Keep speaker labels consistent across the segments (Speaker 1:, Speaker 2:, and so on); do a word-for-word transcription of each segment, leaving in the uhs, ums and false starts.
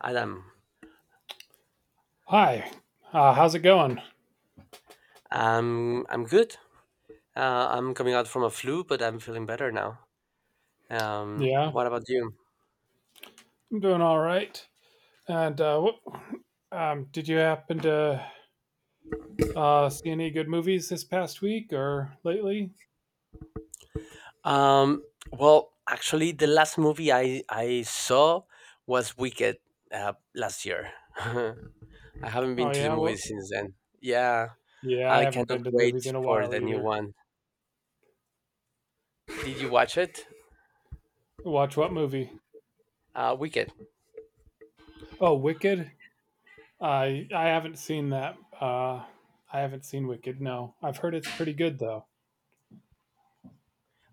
Speaker 1: Adam,
Speaker 2: Hi, uh, how's it going?
Speaker 1: I'm I'm good. Uh, I'm coming out from a flu, but I'm feeling better now. Um,
Speaker 2: Yeah,
Speaker 1: what about you?
Speaker 2: I'm doing all right. And uh, what, um, did you happen to uh, see any good movies this past week or lately?
Speaker 1: Um, well, actually, the last movie I I saw was Wicked uh, last year. I haven't
Speaker 2: Oh
Speaker 1: been to the
Speaker 2: yeah,
Speaker 1: movies
Speaker 2: well,
Speaker 1: since then. Yeah,
Speaker 2: yeah, I
Speaker 1: I
Speaker 2: haven't
Speaker 1: cannot
Speaker 2: been to
Speaker 1: wait
Speaker 2: movies in a
Speaker 1: for
Speaker 2: while
Speaker 1: the new
Speaker 2: either.
Speaker 1: one. Did you watch it?
Speaker 2: Watch what movie?
Speaker 1: Uh, Wicked.
Speaker 2: Oh, Wicked. I I haven't seen that. Uh, I haven't seen Wicked. No, I've heard it's pretty good though.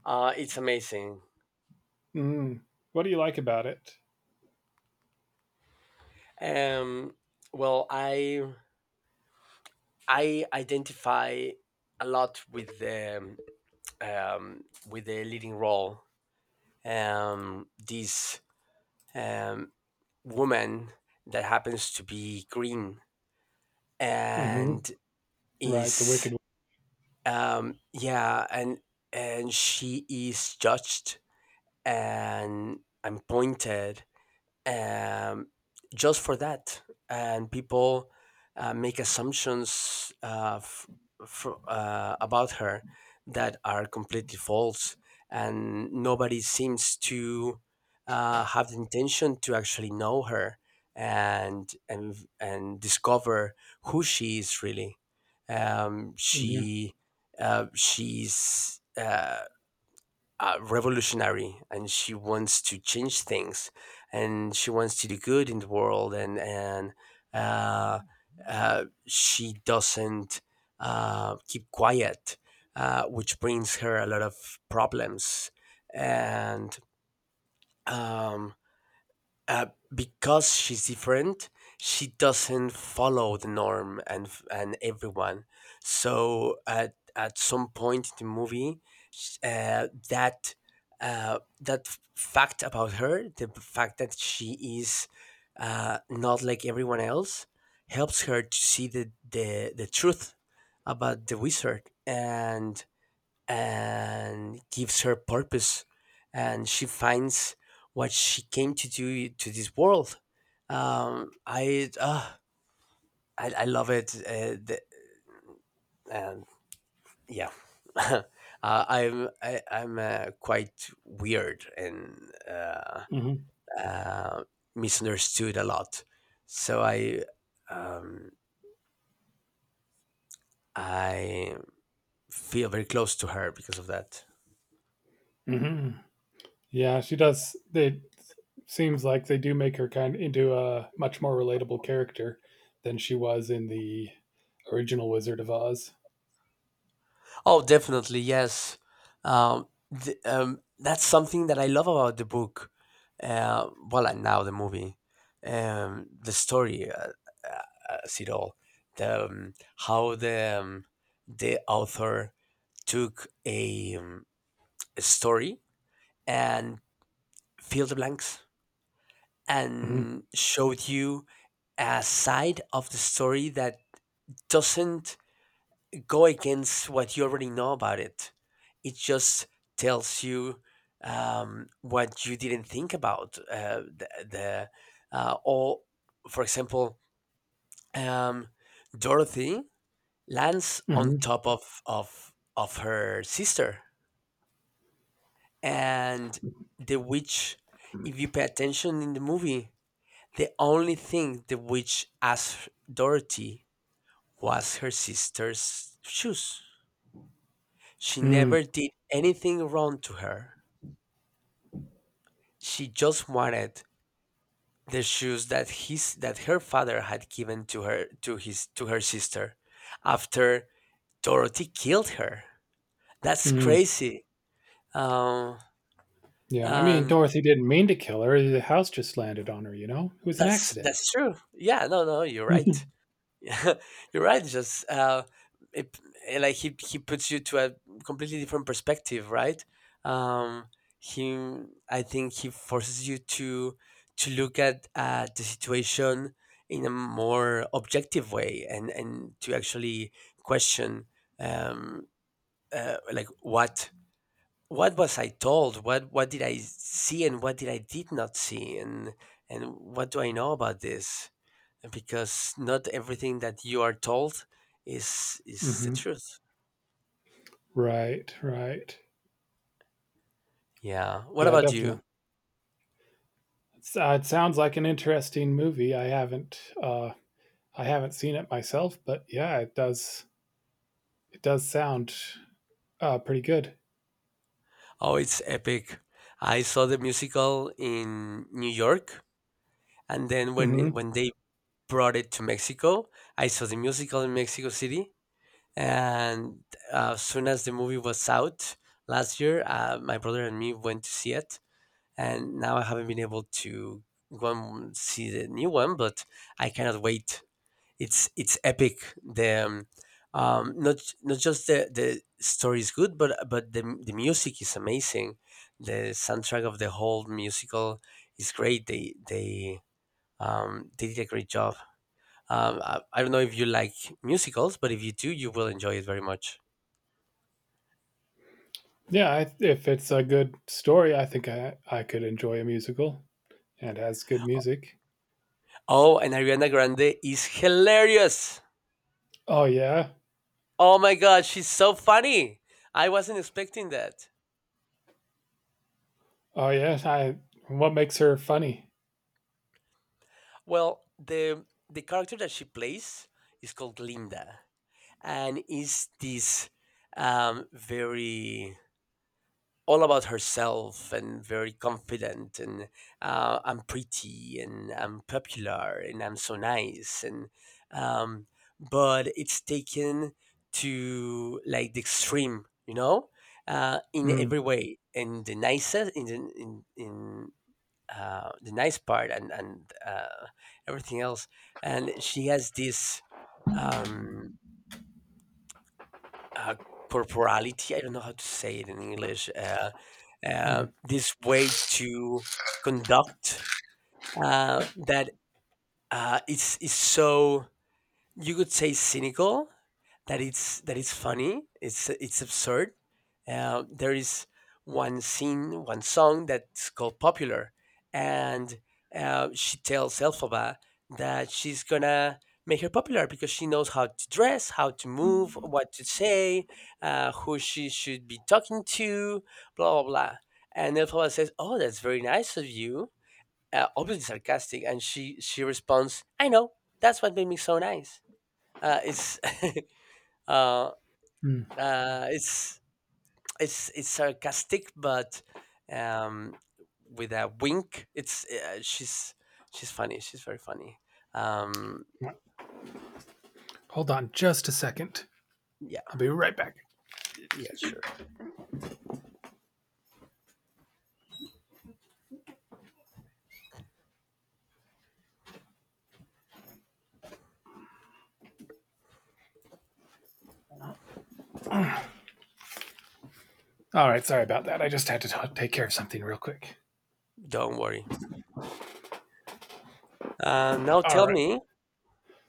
Speaker 1: Uh, it's amazing.
Speaker 2: Mm. What do you like about it?
Speaker 1: Um, well, I I identify a lot with the um, with the leading role. Um, this um, woman that happens to be green
Speaker 2: Hmm.
Speaker 1: and
Speaker 2: Right, the
Speaker 1: is
Speaker 2: Wicked.
Speaker 1: um, yeah, and and she is judged and and pointed, um, just for that. And people uh, make assumptions uh, f- fr- uh, about her that are completely false, and nobody seems to uh, have the intention to actually know her and and and discover who she is really. Um,
Speaker 2: Hmm.
Speaker 1: she uh, she's. Uh, uh, revolutionary, and she wants to change things, and she wants to do good in the world. And and uh, uh, she doesn't uh, keep quiet, uh, which brings her a lot of problems, and um, uh, because she's different. She doesn't follow the norm and f- and everyone. So at at some point in the movie, sh- uh, that uh, that f- fact about her, the b- fact that she is, uh, not like everyone else, helps her to see the the, the truth about the wizard, and and gives her purpose, and she finds what she came to do to this world. um i uh, I, I love it. Uh, the, and yeah uh, i'm I, I'm uh, quite weird, and uh,
Speaker 2: Hmm.
Speaker 1: uh, misunderstood a lot, so i um i feel very close to her because of that.
Speaker 2: Hmm. Yeah, she does. It seems like they do make her kind of into a much more relatable character than she was in the original Wizard of Oz.
Speaker 1: Oh, definitely, yes. Um, th- um, that's something that I love about the book. Uh, well, and now the movie, um, the story, uh, uh, as it all, the um, how the um, the author took a, um, a story and filled the blanks
Speaker 2: Hmm.
Speaker 1: and showed you a side of the story that doesn't go against what you already know about it. It just tells you um, what you didn't think about. Uh, the the uh, or, for example, um, Dorothy lands on
Speaker 2: Hmm.
Speaker 1: top of of of her sister, and the witch. If you pay attention in the movie, the only thing the witch asked Dorothy was her sister's shoes. She never
Speaker 2: Mm.
Speaker 1: did anything wrong to her. She just wanted the shoes that his that her father had given to her to his to her sister, after Dorothy killed her. That's
Speaker 2: Mm.
Speaker 1: crazy. Um,
Speaker 2: Yeah, I mean,
Speaker 1: and
Speaker 2: Dorothy didn't mean to kill her. The house just landed on her, you know? It was an
Speaker 1: that's
Speaker 2: accident.
Speaker 1: that's true. Yeah, no, no, you're right. Yeah, you're right. Just uh, it, eh, like he he puts you to a completely different perspective, right? Um, he, I think he forces you to to look at, uh, the situation in a more objective way, and and to actually question, um, uh, like what what was I told? What what did I see, and what did I did not see, and and what do I know about this? Because not everything that you are told is is the
Speaker 2: hmm.
Speaker 1: truth.
Speaker 2: Right, right.
Speaker 1: Yeah. What
Speaker 2: Yeah,
Speaker 1: about you?
Speaker 2: definitely. It's, uh, it sounds like an interesting movie. I haven't, uh, I haven't seen it myself, but yeah, it does. It does sound uh, pretty good.
Speaker 1: Oh, it's epic. I saw the musical in New York, and then when it-
Speaker 2: Hmm.
Speaker 1: when they brought it to Mexico, I saw the musical in Mexico City, and uh, as soon as the movie was out last year, uh, my brother and me went to see it, and now I haven't been able to go and see the new one, but I cannot wait. It's it's epic. The um, um, Not not just the the story is good, but but the the music is amazing. The soundtrack of the whole musical is great. They they um, they did a great job. Um, I, I don't know if you like musicals, but if you do, you will enjoy it very much.
Speaker 2: Yeah, I, if it's a good story, I think I, I could enjoy a musical and it has good music.
Speaker 1: Oh, and Ariana Grande is hilarious.
Speaker 2: Oh yeah,
Speaker 1: Oh my god, she's so funny. I wasn't expecting that.
Speaker 2: oh yeah. I What makes her funny?
Speaker 1: Well, the the character that she plays is called Linda, and is this, um, very all about herself and very confident, and uh, I'm pretty and I'm popular and I'm so nice, and um, but it's taken to like the extreme, you know, uh, in
Speaker 2: Mm,
Speaker 1: every way, in the nicest, in the, in in uh, the nice part, and and uh, everything else. And she has this, um, uh, corporality. I don't know how to say it in English. Uh,
Speaker 2: mm,
Speaker 1: uh, this way to conduct, uh, that uh, is is so you could say cynical, that it's that it's funny. It's it's absurd. Uh, there is one scene, one song that's called "Popular," and uh, she tells Elphaba that she's gonna make her popular, because she knows how to dress, how to move, what to say, uh, who she should be talking to, blah blah blah. And Elphaba says, "Oh, that's very nice of you." Uh, obviously sarcastic, and she she responds, "I know. That's what made me so nice." Uh, it's uh,
Speaker 2: mm.
Speaker 1: uh, it's it's it's sarcastic, but, um, with a wink. It's uh, She's she's funny. She's very funny. Um,
Speaker 2: Hold on, just a second.
Speaker 1: yeah,
Speaker 2: I'll be right back.
Speaker 1: yeah, sure.
Speaker 2: All right, sorry about that. I just had to t- take care of something real quick.
Speaker 1: Don't worry. Uh, now
Speaker 2: All
Speaker 1: tell
Speaker 2: right.
Speaker 1: me,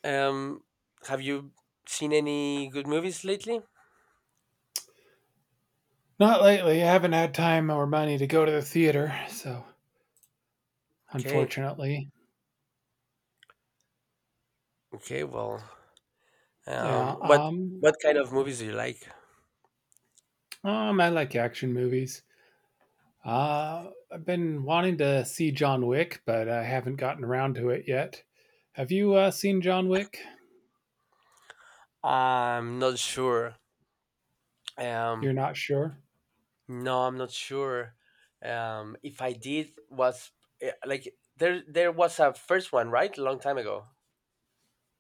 Speaker 1: um, have you seen any good movies lately?
Speaker 2: Not lately. I haven't had time or money to go to the theater, so
Speaker 1: Okay,
Speaker 2: unfortunately,
Speaker 1: okay. Well, um,
Speaker 2: yeah.
Speaker 1: what
Speaker 2: Um,
Speaker 1: what kind of movies do you like?
Speaker 2: um, I like action movies. Uh, I've been wanting to see John Wick, but I haven't gotten around to it yet. Have you uh, seen John Wick?
Speaker 1: I'm not sure. Um,
Speaker 2: You're not sure?
Speaker 1: no, I'm not sure. Um, if I did, was eh, like there there was a first one, right? A long time ago.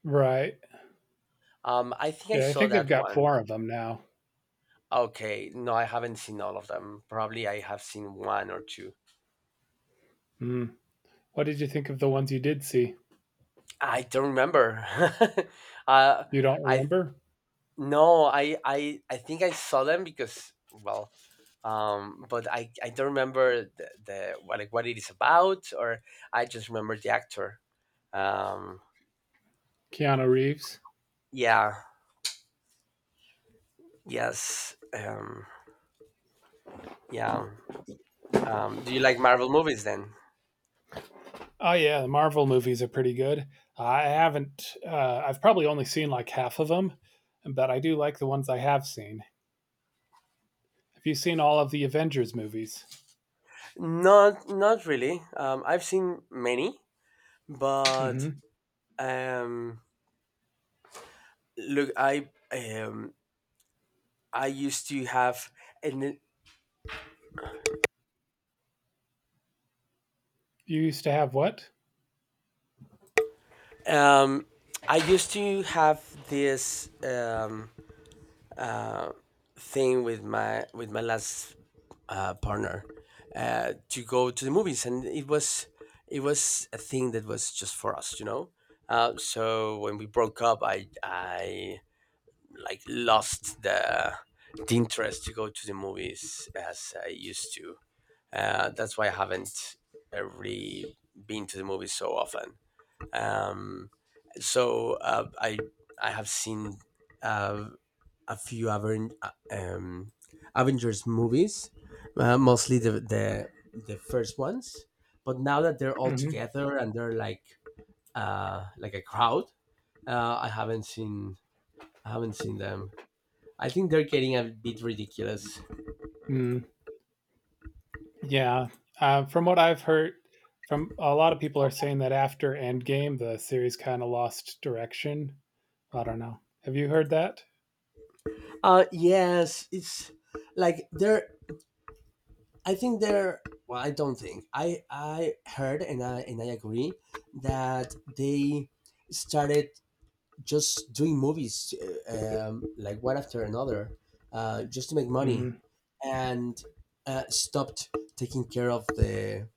Speaker 2: Right.
Speaker 1: Um, I think I
Speaker 2: Yeah, I
Speaker 1: saw
Speaker 2: think they've
Speaker 1: that
Speaker 2: got
Speaker 1: one.
Speaker 2: four of them now.
Speaker 1: Okay, no, I haven't seen all of them. Probably I have seen one or two.
Speaker 2: Hmm. What did you think of the ones you did see?
Speaker 1: I don't remember. uh,
Speaker 2: You don't
Speaker 1: I
Speaker 2: remember?
Speaker 1: no, I I I think I saw them because, well, um, but I I don't remember the, the what, like what it is about, or I just remember the actor. Um,
Speaker 2: Keanu Reeves?
Speaker 1: yeah, yes. Um, yeah. Um, do you like Marvel movies then?
Speaker 2: Oh, yeah, the Marvel movies are pretty good. I haven't, uh, I've probably only seen like half of them, but I do like the ones I have seen. Have you seen all of the Avengers movies?
Speaker 1: Not not really. Um, I've seen many, but,
Speaker 2: Hmm.
Speaker 1: um, look, I um, I used to have an,
Speaker 2: You used to have what?
Speaker 1: um, I used to have this, um, uh, thing with my with my last uh, partner, uh, to go to the movies, and it was it was a thing that was just for us, you know. Uh, so when we broke up, I I like lost the the interest to go to the movies as I used to. Uh, that's why I haven't, uh, really been to the movies so often. Um, so uh, I I have seen, uh, a few Aven- uh, um, Avengers movies, uh, mostly the, the the first ones. But now that they're all
Speaker 2: Hmm.
Speaker 1: together and they're like, uh, like a crowd, uh, I haven't seen. I haven't seen them. I think they're getting a bit ridiculous.
Speaker 2: Yeah, uh, from what I've heard, from a lot of people are saying that after Endgame, the series kind of lost direction. I don't know. Have you heard that?
Speaker 1: Uh, yes, it's like they're. I think they're. Well, I don't think I I heard and I and I agree that they started just doing movies, uh, um, like one after another, uh, just to make money,
Speaker 2: Hmm.
Speaker 1: and uh, stopped taking care of the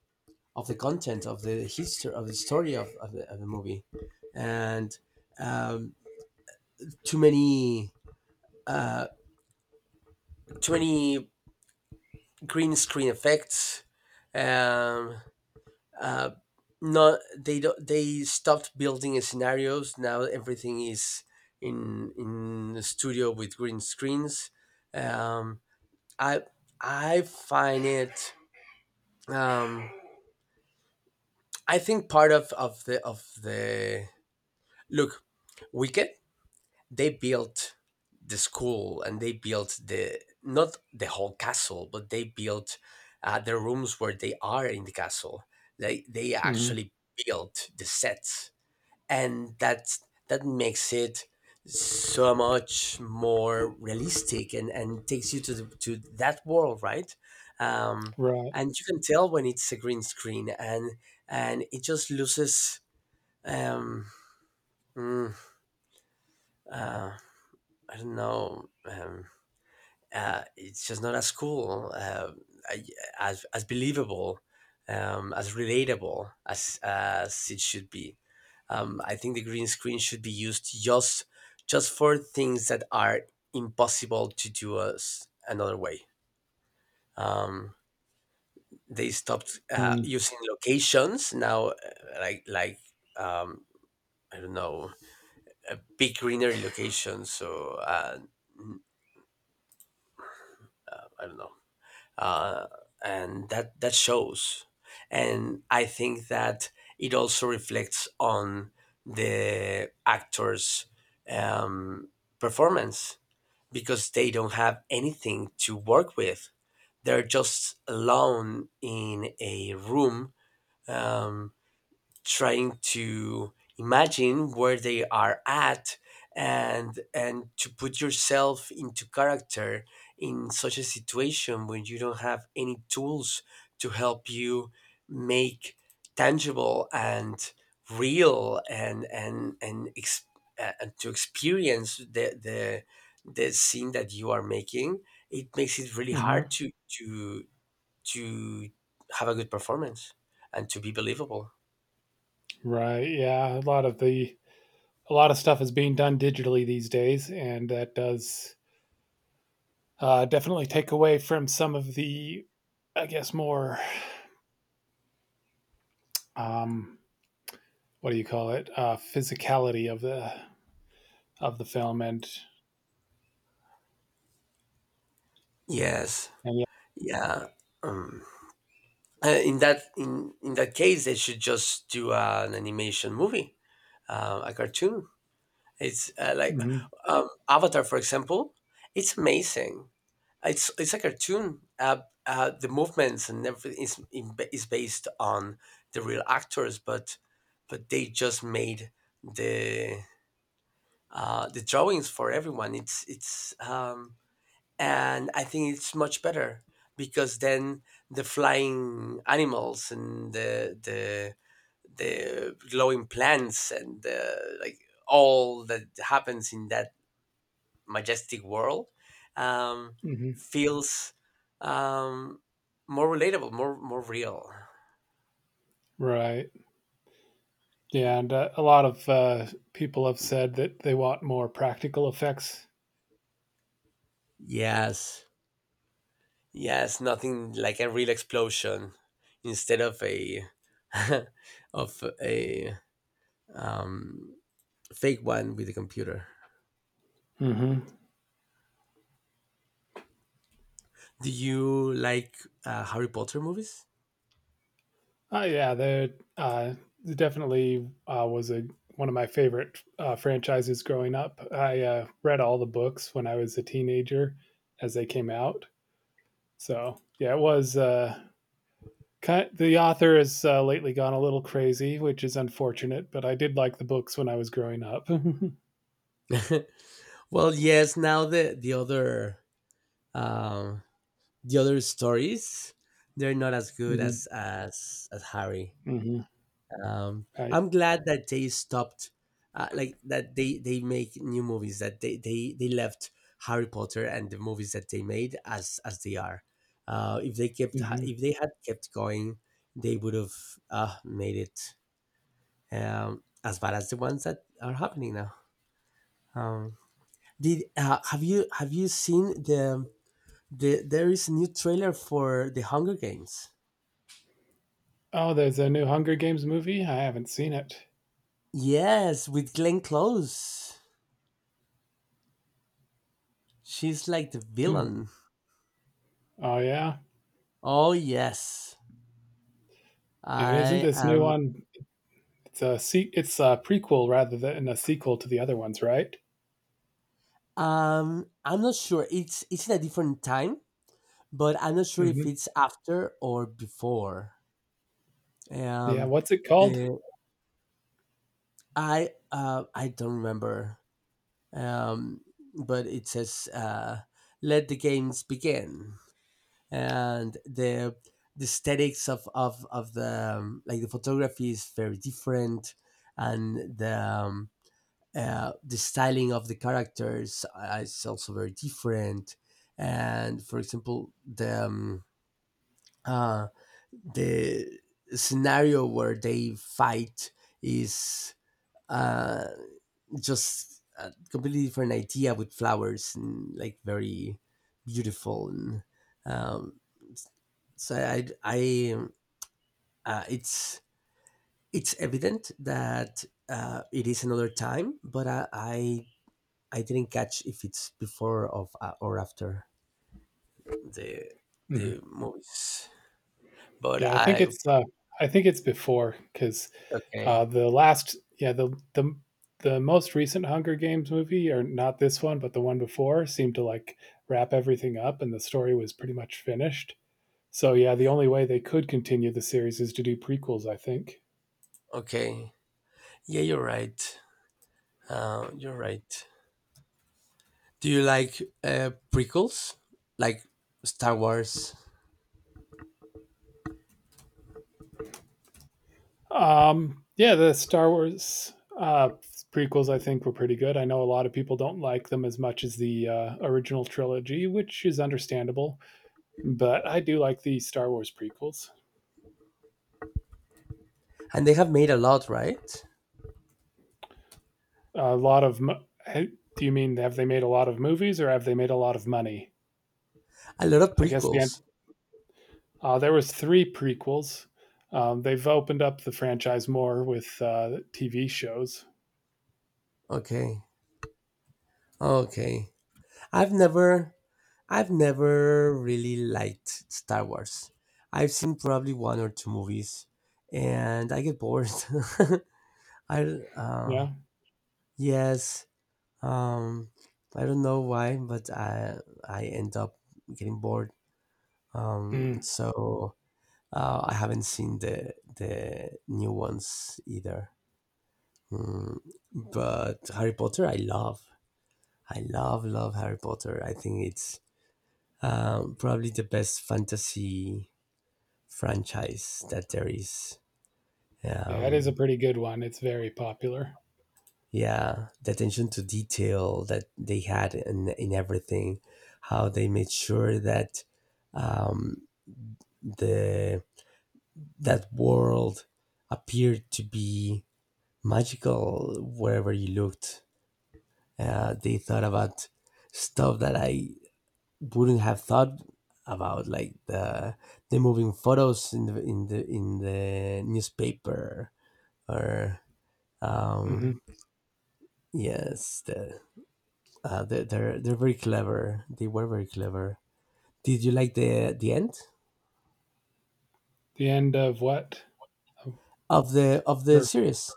Speaker 1: of the content of the history of the story of, of, the, of the movie. And um, Too many, uh, too many green screen effects, um, uh, not they don't, they stopped building scenarios. Now everything is in in the studio with green screens. um i I find it, um I think part of of the of the, look, Wicked, they built the school, and they built the, not the whole castle, but they built uh, the rooms where they are in the castle. They they
Speaker 2: Hmm.
Speaker 1: actually built the sets, and that's that makes it so much more realistic and and takes you to the, to that world, right? um
Speaker 2: Right.
Speaker 1: and you can tell when it's a green screen, and and it just loses, um mm, uh, I don't know, um uh, it's just not as cool, uh, as as believable, um, as relatable as as it should be. Um, I think the green screen should be used just just for things that are impossible to do us another way. Um, they stopped uh, using locations now, uh, like like, um, I don't know, a big greenery location. So uh, I don't know. uh, and that that shows. And I think that it also reflects on the actors' um, performance, because they don't have anything to work with. They're just alone in a room, um, trying to imagine where they are at, and and to put yourself into character in such a situation when you don't have any tools to help you make tangible and real and and and, ex- uh, and to experience the the the scene that you are making. It makes it really
Speaker 2: Mm-hmm.
Speaker 1: hard to to to have a good performance and to be believable.
Speaker 2: Right. Yeah. A lot of the a lot of stuff is being done digitally these days, and that does uh, definitely take away from some of the, I guess, more um, what do you call it, uh, physicality of the of the film and
Speaker 1: Yes.
Speaker 2: and yeah.
Speaker 1: Yeah. Um, uh, in that in in that case, they should just do uh, an animation movie, uh, a cartoon. It's uh, like
Speaker 2: Hmm.
Speaker 1: um, Avatar, for example. It's amazing. It's it's a cartoon. Uh, uh, the movements and everything is in- is based on the real actors, but but they just made the uh, the drawings for everyone. It's it's um, and I think it's much better because then the flying animals and the the the glowing plants and the, like all that happens in that majestic world, um,
Speaker 2: Hmm.
Speaker 1: feels um, more relatable, more more real.
Speaker 2: Right. Yeah, and uh, a lot of uh, people have said that they want more practical effects.
Speaker 1: Yes, yes, nothing like a real explosion instead of a of a um, fake one with a computer.
Speaker 2: Mm-hmm.
Speaker 1: Do you like uh, Harry Potter movies?
Speaker 2: Uh, yeah, they uh, definitely uh, was a one of my favorite uh, franchises growing up. I uh, read all the books when I was a teenager as they came out. So yeah, it was. Uh, ki The author has uh, lately gone a little crazy, which is unfortunate. But I did like the books when I was growing up.
Speaker 1: Well, yes. Now the the other, um, the other stories, they're not as good as
Speaker 2: Mm-hmm.
Speaker 1: as as Harry.
Speaker 2: Mm-hmm.
Speaker 1: Um,
Speaker 2: I,
Speaker 1: I'm glad that they stopped, uh, like that they they make new movies, that they they they left Harry Potter and the movies that they made as as they are. Uh, if they kept
Speaker 2: mhm.
Speaker 1: if they had kept going, they would have uh, made it um, as bad as the ones that are happening now. Um, Did uh, Have you have you seen the the there is a new trailer for The Hunger Games?
Speaker 2: Oh, there's a new Hunger Games movie. I haven't seen it.
Speaker 1: Yes, with Glenn Close. She's like the
Speaker 2: Hmm.
Speaker 1: villain.
Speaker 2: Oh yeah,
Speaker 1: Oh yes.
Speaker 2: and isn't
Speaker 1: I
Speaker 2: this new
Speaker 1: am.
Speaker 2: one? It's a se- it's a prequel rather than a sequel to the other ones, right?
Speaker 1: Um I'm not sure. It's it's in a different time, but I'm not sure if
Speaker 2: Hmm.
Speaker 1: it's after or before.
Speaker 2: Yeah,
Speaker 1: Um
Speaker 2: what's it called?
Speaker 1: the I uh I don't remember. Um but it says, uh let the games begin. And the the aesthetics of of of the, um, like the photography is very different, and the, um, uh, the styling of the characters uh, is also very different. And for example, the um, uh, the scenario where they fight is, uh, just a completely different idea with flowers and, like, very beautiful and, um, so I, I um, uh, it's it's evident that uh, it is another time, but I, I I didn't catch if it's before of, uh, or after the the
Speaker 2: Hmm.
Speaker 1: movies. But
Speaker 2: Yeah, I think
Speaker 1: I
Speaker 2: it's uh, I think it's before because
Speaker 1: okay.
Speaker 2: uh, the last yeah the the the most recent Hunger Games movie, or not this one, but the one before, seemed to like wrap everything up, and the story was pretty much finished. So yeah, the only way they could continue the series is to do prequels, I think.
Speaker 1: Okay, yeah, you're right, uh, you're right. Do you like uh, prequels like Star Wars?
Speaker 2: Um, yeah, the Star Wars uh, prequels, I think, were pretty good. I know a lot of people don't like them as much as the uh, original trilogy, which is understandable. But I do like the Star Wars prequels.
Speaker 1: And they have made a lot, right?
Speaker 2: A lot of. Mo- Do you mean have they made a lot of movies or have they made a lot of money?
Speaker 1: A lot of
Speaker 2: I guess the end.
Speaker 1: prequels.
Speaker 2: Uh, there was three prequels. Um, they've opened up the franchise more with uh, T V shows.
Speaker 1: Okay, okay. I've never, I've never really liked Star Wars. I've seen probably one or two movies, and I get bored. I uh,
Speaker 2: Yeah.
Speaker 1: yes, um, I don't know why, but I I end up getting bored. Um,
Speaker 2: Mm.
Speaker 1: so uh, I haven't seen the the new ones either. Mm, but Harry Potter, I love. I love, love Harry Potter. I think it's Um, probably the best fantasy franchise that there is.
Speaker 2: Yeah, it is a
Speaker 1: Um,
Speaker 2: pretty good one. It's very popular.
Speaker 1: yeah, the attention to detail that they had in, in everything, how they made sure that, um, the that world appeared to be magical wherever you looked. Uh, they thought about stuff that I wouldn't have thought about, like the the moving photos in the in the in the newspaper. Or
Speaker 2: Hmm.
Speaker 1: um yes, the, uh, they, they're they're very clever, they were very clever. Did you like the the end
Speaker 2: The end of what?
Speaker 1: of the, of the
Speaker 2: For,
Speaker 1: series?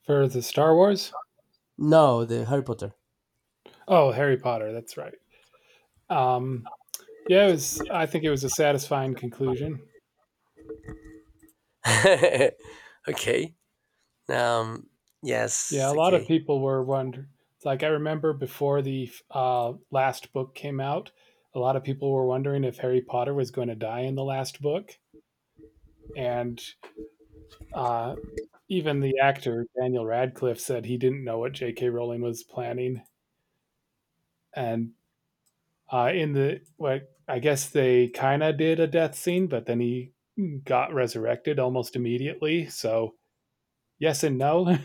Speaker 2: for the Star Wars?
Speaker 1: No, the Harry Potter.
Speaker 2: Oh, Harry Potter. That's right. Um, yeah, it was. I think it was a satisfying conclusion.
Speaker 1: Okay. Um.
Speaker 2: Yeah,
Speaker 1: Yes.
Speaker 2: a lot of
Speaker 1: Okay.
Speaker 2: people were wondering. Like I remember before the uh, last book came out, a lot of people were wondering if Harry Potter was going to die in the last book, and uh, even the actor Daniel Radcliffe said he didn't know what J K. Rowling was planning, and Uh, in the like, I guess they kind of did a death scene, but then he got resurrected almost immediately. So yes and no. yeah,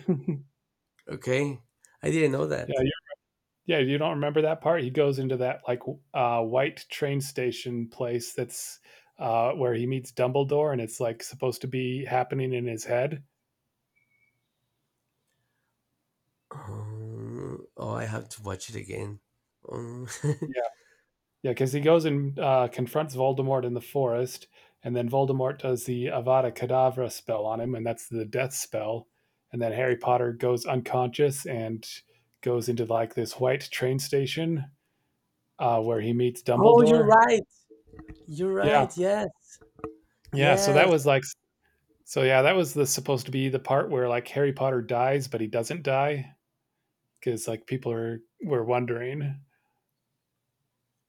Speaker 1: Okay, I didn't know that.
Speaker 2: yeah, you don't remember that part. He goes into that like uh, white train station place that's uh, where he meets Dumbledore, and it's like supposed to be happening in his head.
Speaker 1: Um, oh, I have to watch it again. um,
Speaker 2: Yeah, yeah, because he goes and uh, confronts Voldemort in the forest, and then Voldemort does the Avada Kedavra spell on him, and that's the death spell. And then Harry Potter goes unconscious and goes into like this white train station uh, where he meets
Speaker 1: oh, you're
Speaker 2: Dumbledore.
Speaker 1: right. You're
Speaker 2: Yeah,
Speaker 1: right. Yes.
Speaker 2: yeah. So that
Speaker 1: Yes.
Speaker 2: was like, so yeah, that was the supposed to be the part where like Harry Potter dies, but he doesn't die because like people are were wondering.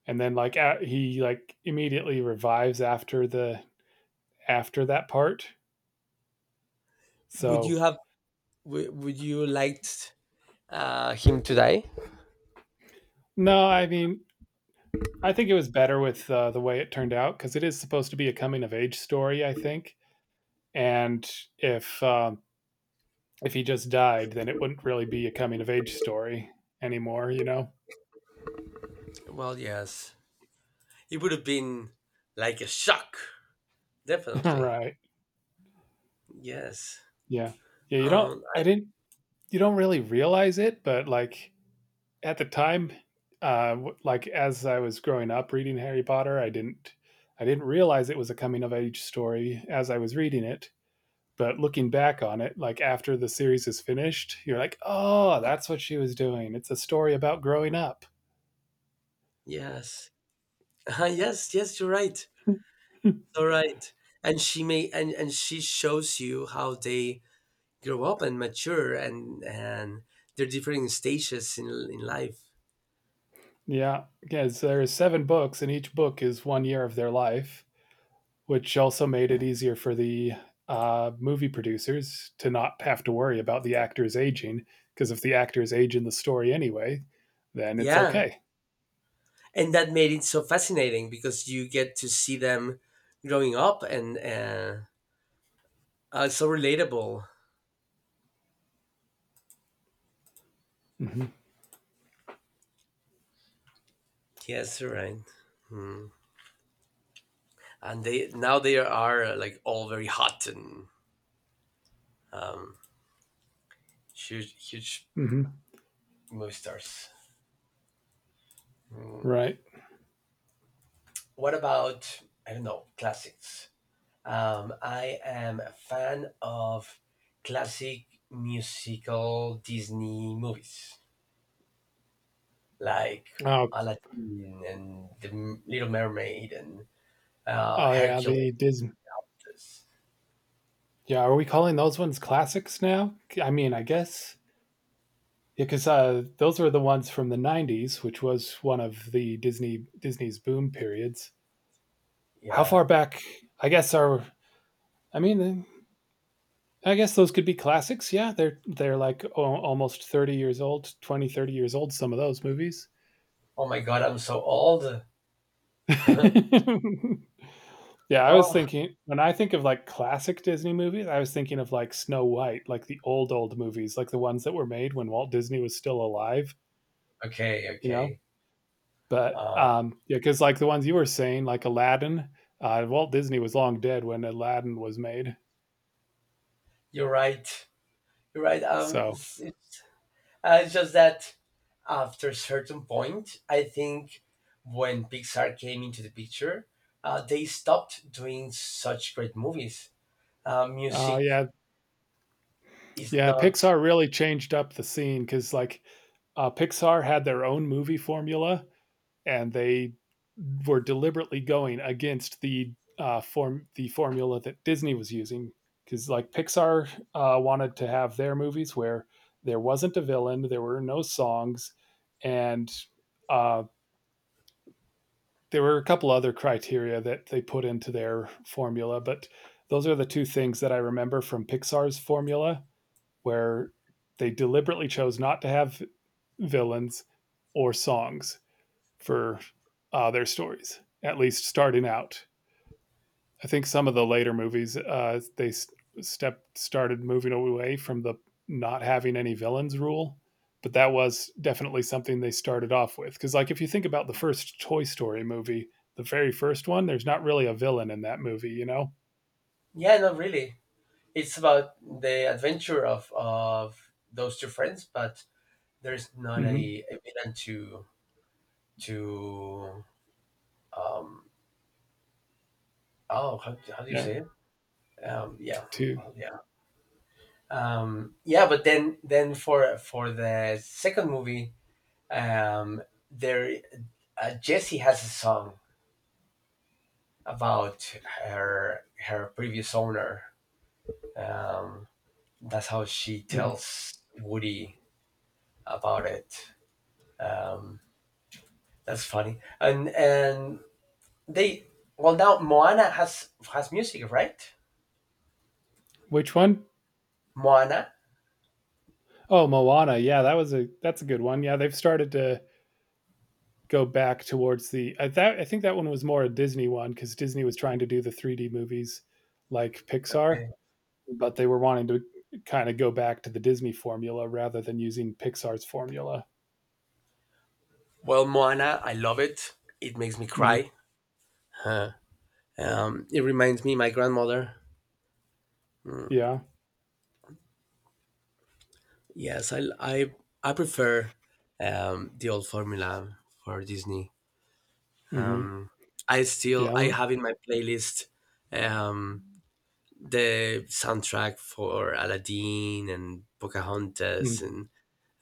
Speaker 2: And then like a he like immediately revives after the after that part.
Speaker 1: Would you
Speaker 2: So,
Speaker 1: have? wou- Would you liked uh, him to die?
Speaker 2: no, I mean, I think it was better with uh, the way it turned out because it is supposed to be a coming of age story, I think. And if um, if he just died, then it wouldn't really be a coming of age story anymore, you know?
Speaker 1: Well, yes. It would have been like a shock. Definitely.
Speaker 2: right?
Speaker 1: Yes.
Speaker 2: Yeah, yeah. You don't.
Speaker 1: Um.
Speaker 2: I didn't. You don't really realize it, but like at the time, uh, w- like as I was growing up reading Harry Potter, I didn't. I didn't realize it was a coming of age story as I was reading it. But looking back on it, like after the series is finished, you're like, oh, that's what she was doing. It's a story about growing up.
Speaker 1: Yes. Uh, yes. Yes. You're right. So right. And she may. And and she shows you how they grow up and mature, and and their different stages in in life.
Speaker 2: yeah, because there are is seven books, and each book is one year of their life, which also made it easier for the uh, movie producers to not have to worry about the actors aging. Because if the actors age in the story anyway, then it's
Speaker 1: Yeah.
Speaker 2: okay.
Speaker 1: And that made it so fascinating, because you get to see them growing up, and uh, uh it's so relatable.
Speaker 2: Mm-hmm.
Speaker 1: Yes, you're right. Hmm. And they, now they are, uh, like, all very hot and huge huge
Speaker 2: Mm-hmm.
Speaker 1: movie stars. Hmm.
Speaker 2: Right.
Speaker 1: What about, I don't know, classics? um I am a fan of classic musical Disney movies, like
Speaker 2: Oh,
Speaker 1: Aladdin and The Little Mermaid and, uh,
Speaker 2: oh yeah.
Speaker 1: Hercules.
Speaker 2: The Disney.
Speaker 1: This
Speaker 2: Yeah. Are we calling those ones classics now? I mean, I guess yeah, because uh, those were the ones from the nineties, which was one of the Disney Disney's boom periods. How
Speaker 1: Yeah.
Speaker 2: far back? I guess are I mean, I guess those could be classics. Yeah, they're they're like o- almost thirty years old, twenty thirty years old. Some of those movies.
Speaker 1: Oh my god, I'm so old.
Speaker 2: yeah, I was
Speaker 1: Oh,
Speaker 2: thinking when I think of like classic Disney movies, I was thinking of like Snow White, like the old old movies, like the ones that were made when Walt Disney was still alive.
Speaker 1: okay,
Speaker 2: You know?
Speaker 1: okay.
Speaker 2: But
Speaker 1: Um,
Speaker 2: um, yeah, because like the ones you were saying, like Aladdin, uh, Walt Disney was long dead when Aladdin was made.
Speaker 1: you're right. You're right. Um,
Speaker 2: So
Speaker 1: it's, it's, uh, it's just that after a certain point, I think, when Pixar came into the picture, uh, they stopped doing such great movies. Uh,
Speaker 2: uh,
Speaker 1: music
Speaker 2: yeah,
Speaker 1: is
Speaker 2: yeah,
Speaker 1: not,
Speaker 2: Pixar really changed up the scene because like uh, Pixar had their own movie formula and they were deliberately going against the uh, form the formula that Disney was using because like Pixar uh, wanted to have their movies where there wasn't a villain, there were no songs, and uh, there were a couple other criteria that they put into their formula, but those are the two things that I remember from Pixar's formula, where they deliberately chose not to have villains or songs for uh, their stories, at least starting out. I think some of the later movies uh, they s- step started moving away from the not having any villains rule, but that was definitely something they started off with. Because like if you think about the first Toy Story movie, the very first one, there's not really a villain in that movie, you know.
Speaker 1: yeah, not really. It's about the adventure of of those two friends, but there's not
Speaker 2: Hmm.
Speaker 1: a, a villain to to um oh, how, how do you
Speaker 2: Yeah,
Speaker 1: say it? Um yeah.
Speaker 2: two.
Speaker 1: Well, yeah, um yeah but then then for for the second movie, um there uh, Jessie has a song about her, her previous owner. um that's how she
Speaker 2: Mhm.
Speaker 1: tells Woody about it. um that's funny. and and they, well, now Moana has has music, right?
Speaker 2: Which one?
Speaker 1: Moana.
Speaker 2: Oh, Moana. Yeah, that was a that's a good one. Yeah, they've started to go back towards the I that I think that one was more a Disney one because Disney was trying to do the three D movies like Pixar,
Speaker 1: Okay.
Speaker 2: but they were wanting to kind of go back to the Disney formula rather than using Pixar's formula.
Speaker 1: Well, Moana, I love it. It makes me
Speaker 2: Mhm.
Speaker 1: cry. Uh, um, it reminds me my grandmother. Mm.
Speaker 2: Yeah.
Speaker 1: Yes, I I I prefer, um, the old formula for Disney.
Speaker 2: Hmm.
Speaker 1: Um, I still,
Speaker 2: Yeah.
Speaker 1: I have in my playlist, um, the soundtrack for Aladdin and Pocahontas,
Speaker 2: Mm.
Speaker 1: and,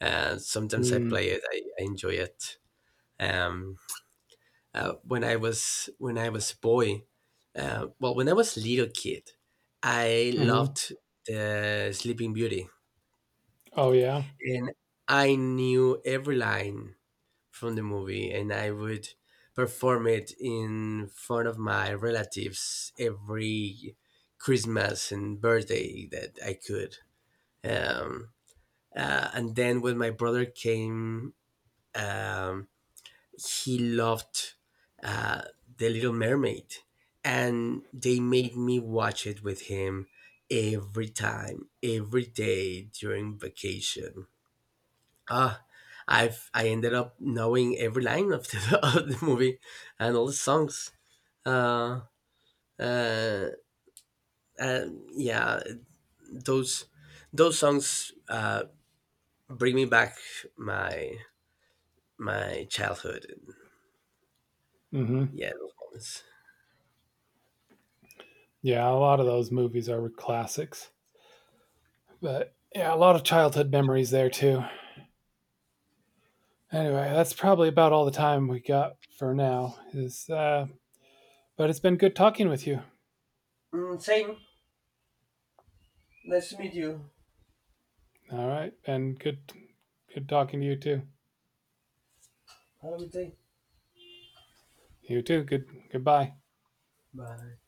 Speaker 1: uh, sometimes I
Speaker 2: Mm.
Speaker 1: play it. I, I enjoy it. Um, uh, when I was, when I was a boy, uh, well, when I was little kid, I
Speaker 2: Mhm.
Speaker 1: loved the Sleeping Beauty.
Speaker 2: Oh, yeah.
Speaker 1: And I knew every line from the movie, and I would perform it in front of my relatives every Christmas and birthday that I could. Um, uh, and then when my brother came, um, he loved, uh, The Little Mermaid, and they made me watch it with him every time, every day during vacation. Ah, I've I ended up knowing every line of the, of the movie and all the songs. Uh, uh, uh, yeah, those those songs uh, bring me back my, my childhood.
Speaker 2: Hmm.
Speaker 1: Yeah, those moments.
Speaker 2: Yeah. A lot of those movies are classics, but yeah, a lot of childhood memories there too. Anyway, that's probably about all the time we got for now. Is uh, But it's been good talking with you.
Speaker 1: Mm, same. Nice to meet you.
Speaker 2: All right, and good, good talking to you too.
Speaker 1: Have a good day.
Speaker 2: You too. Good. Goodbye.
Speaker 1: Bye.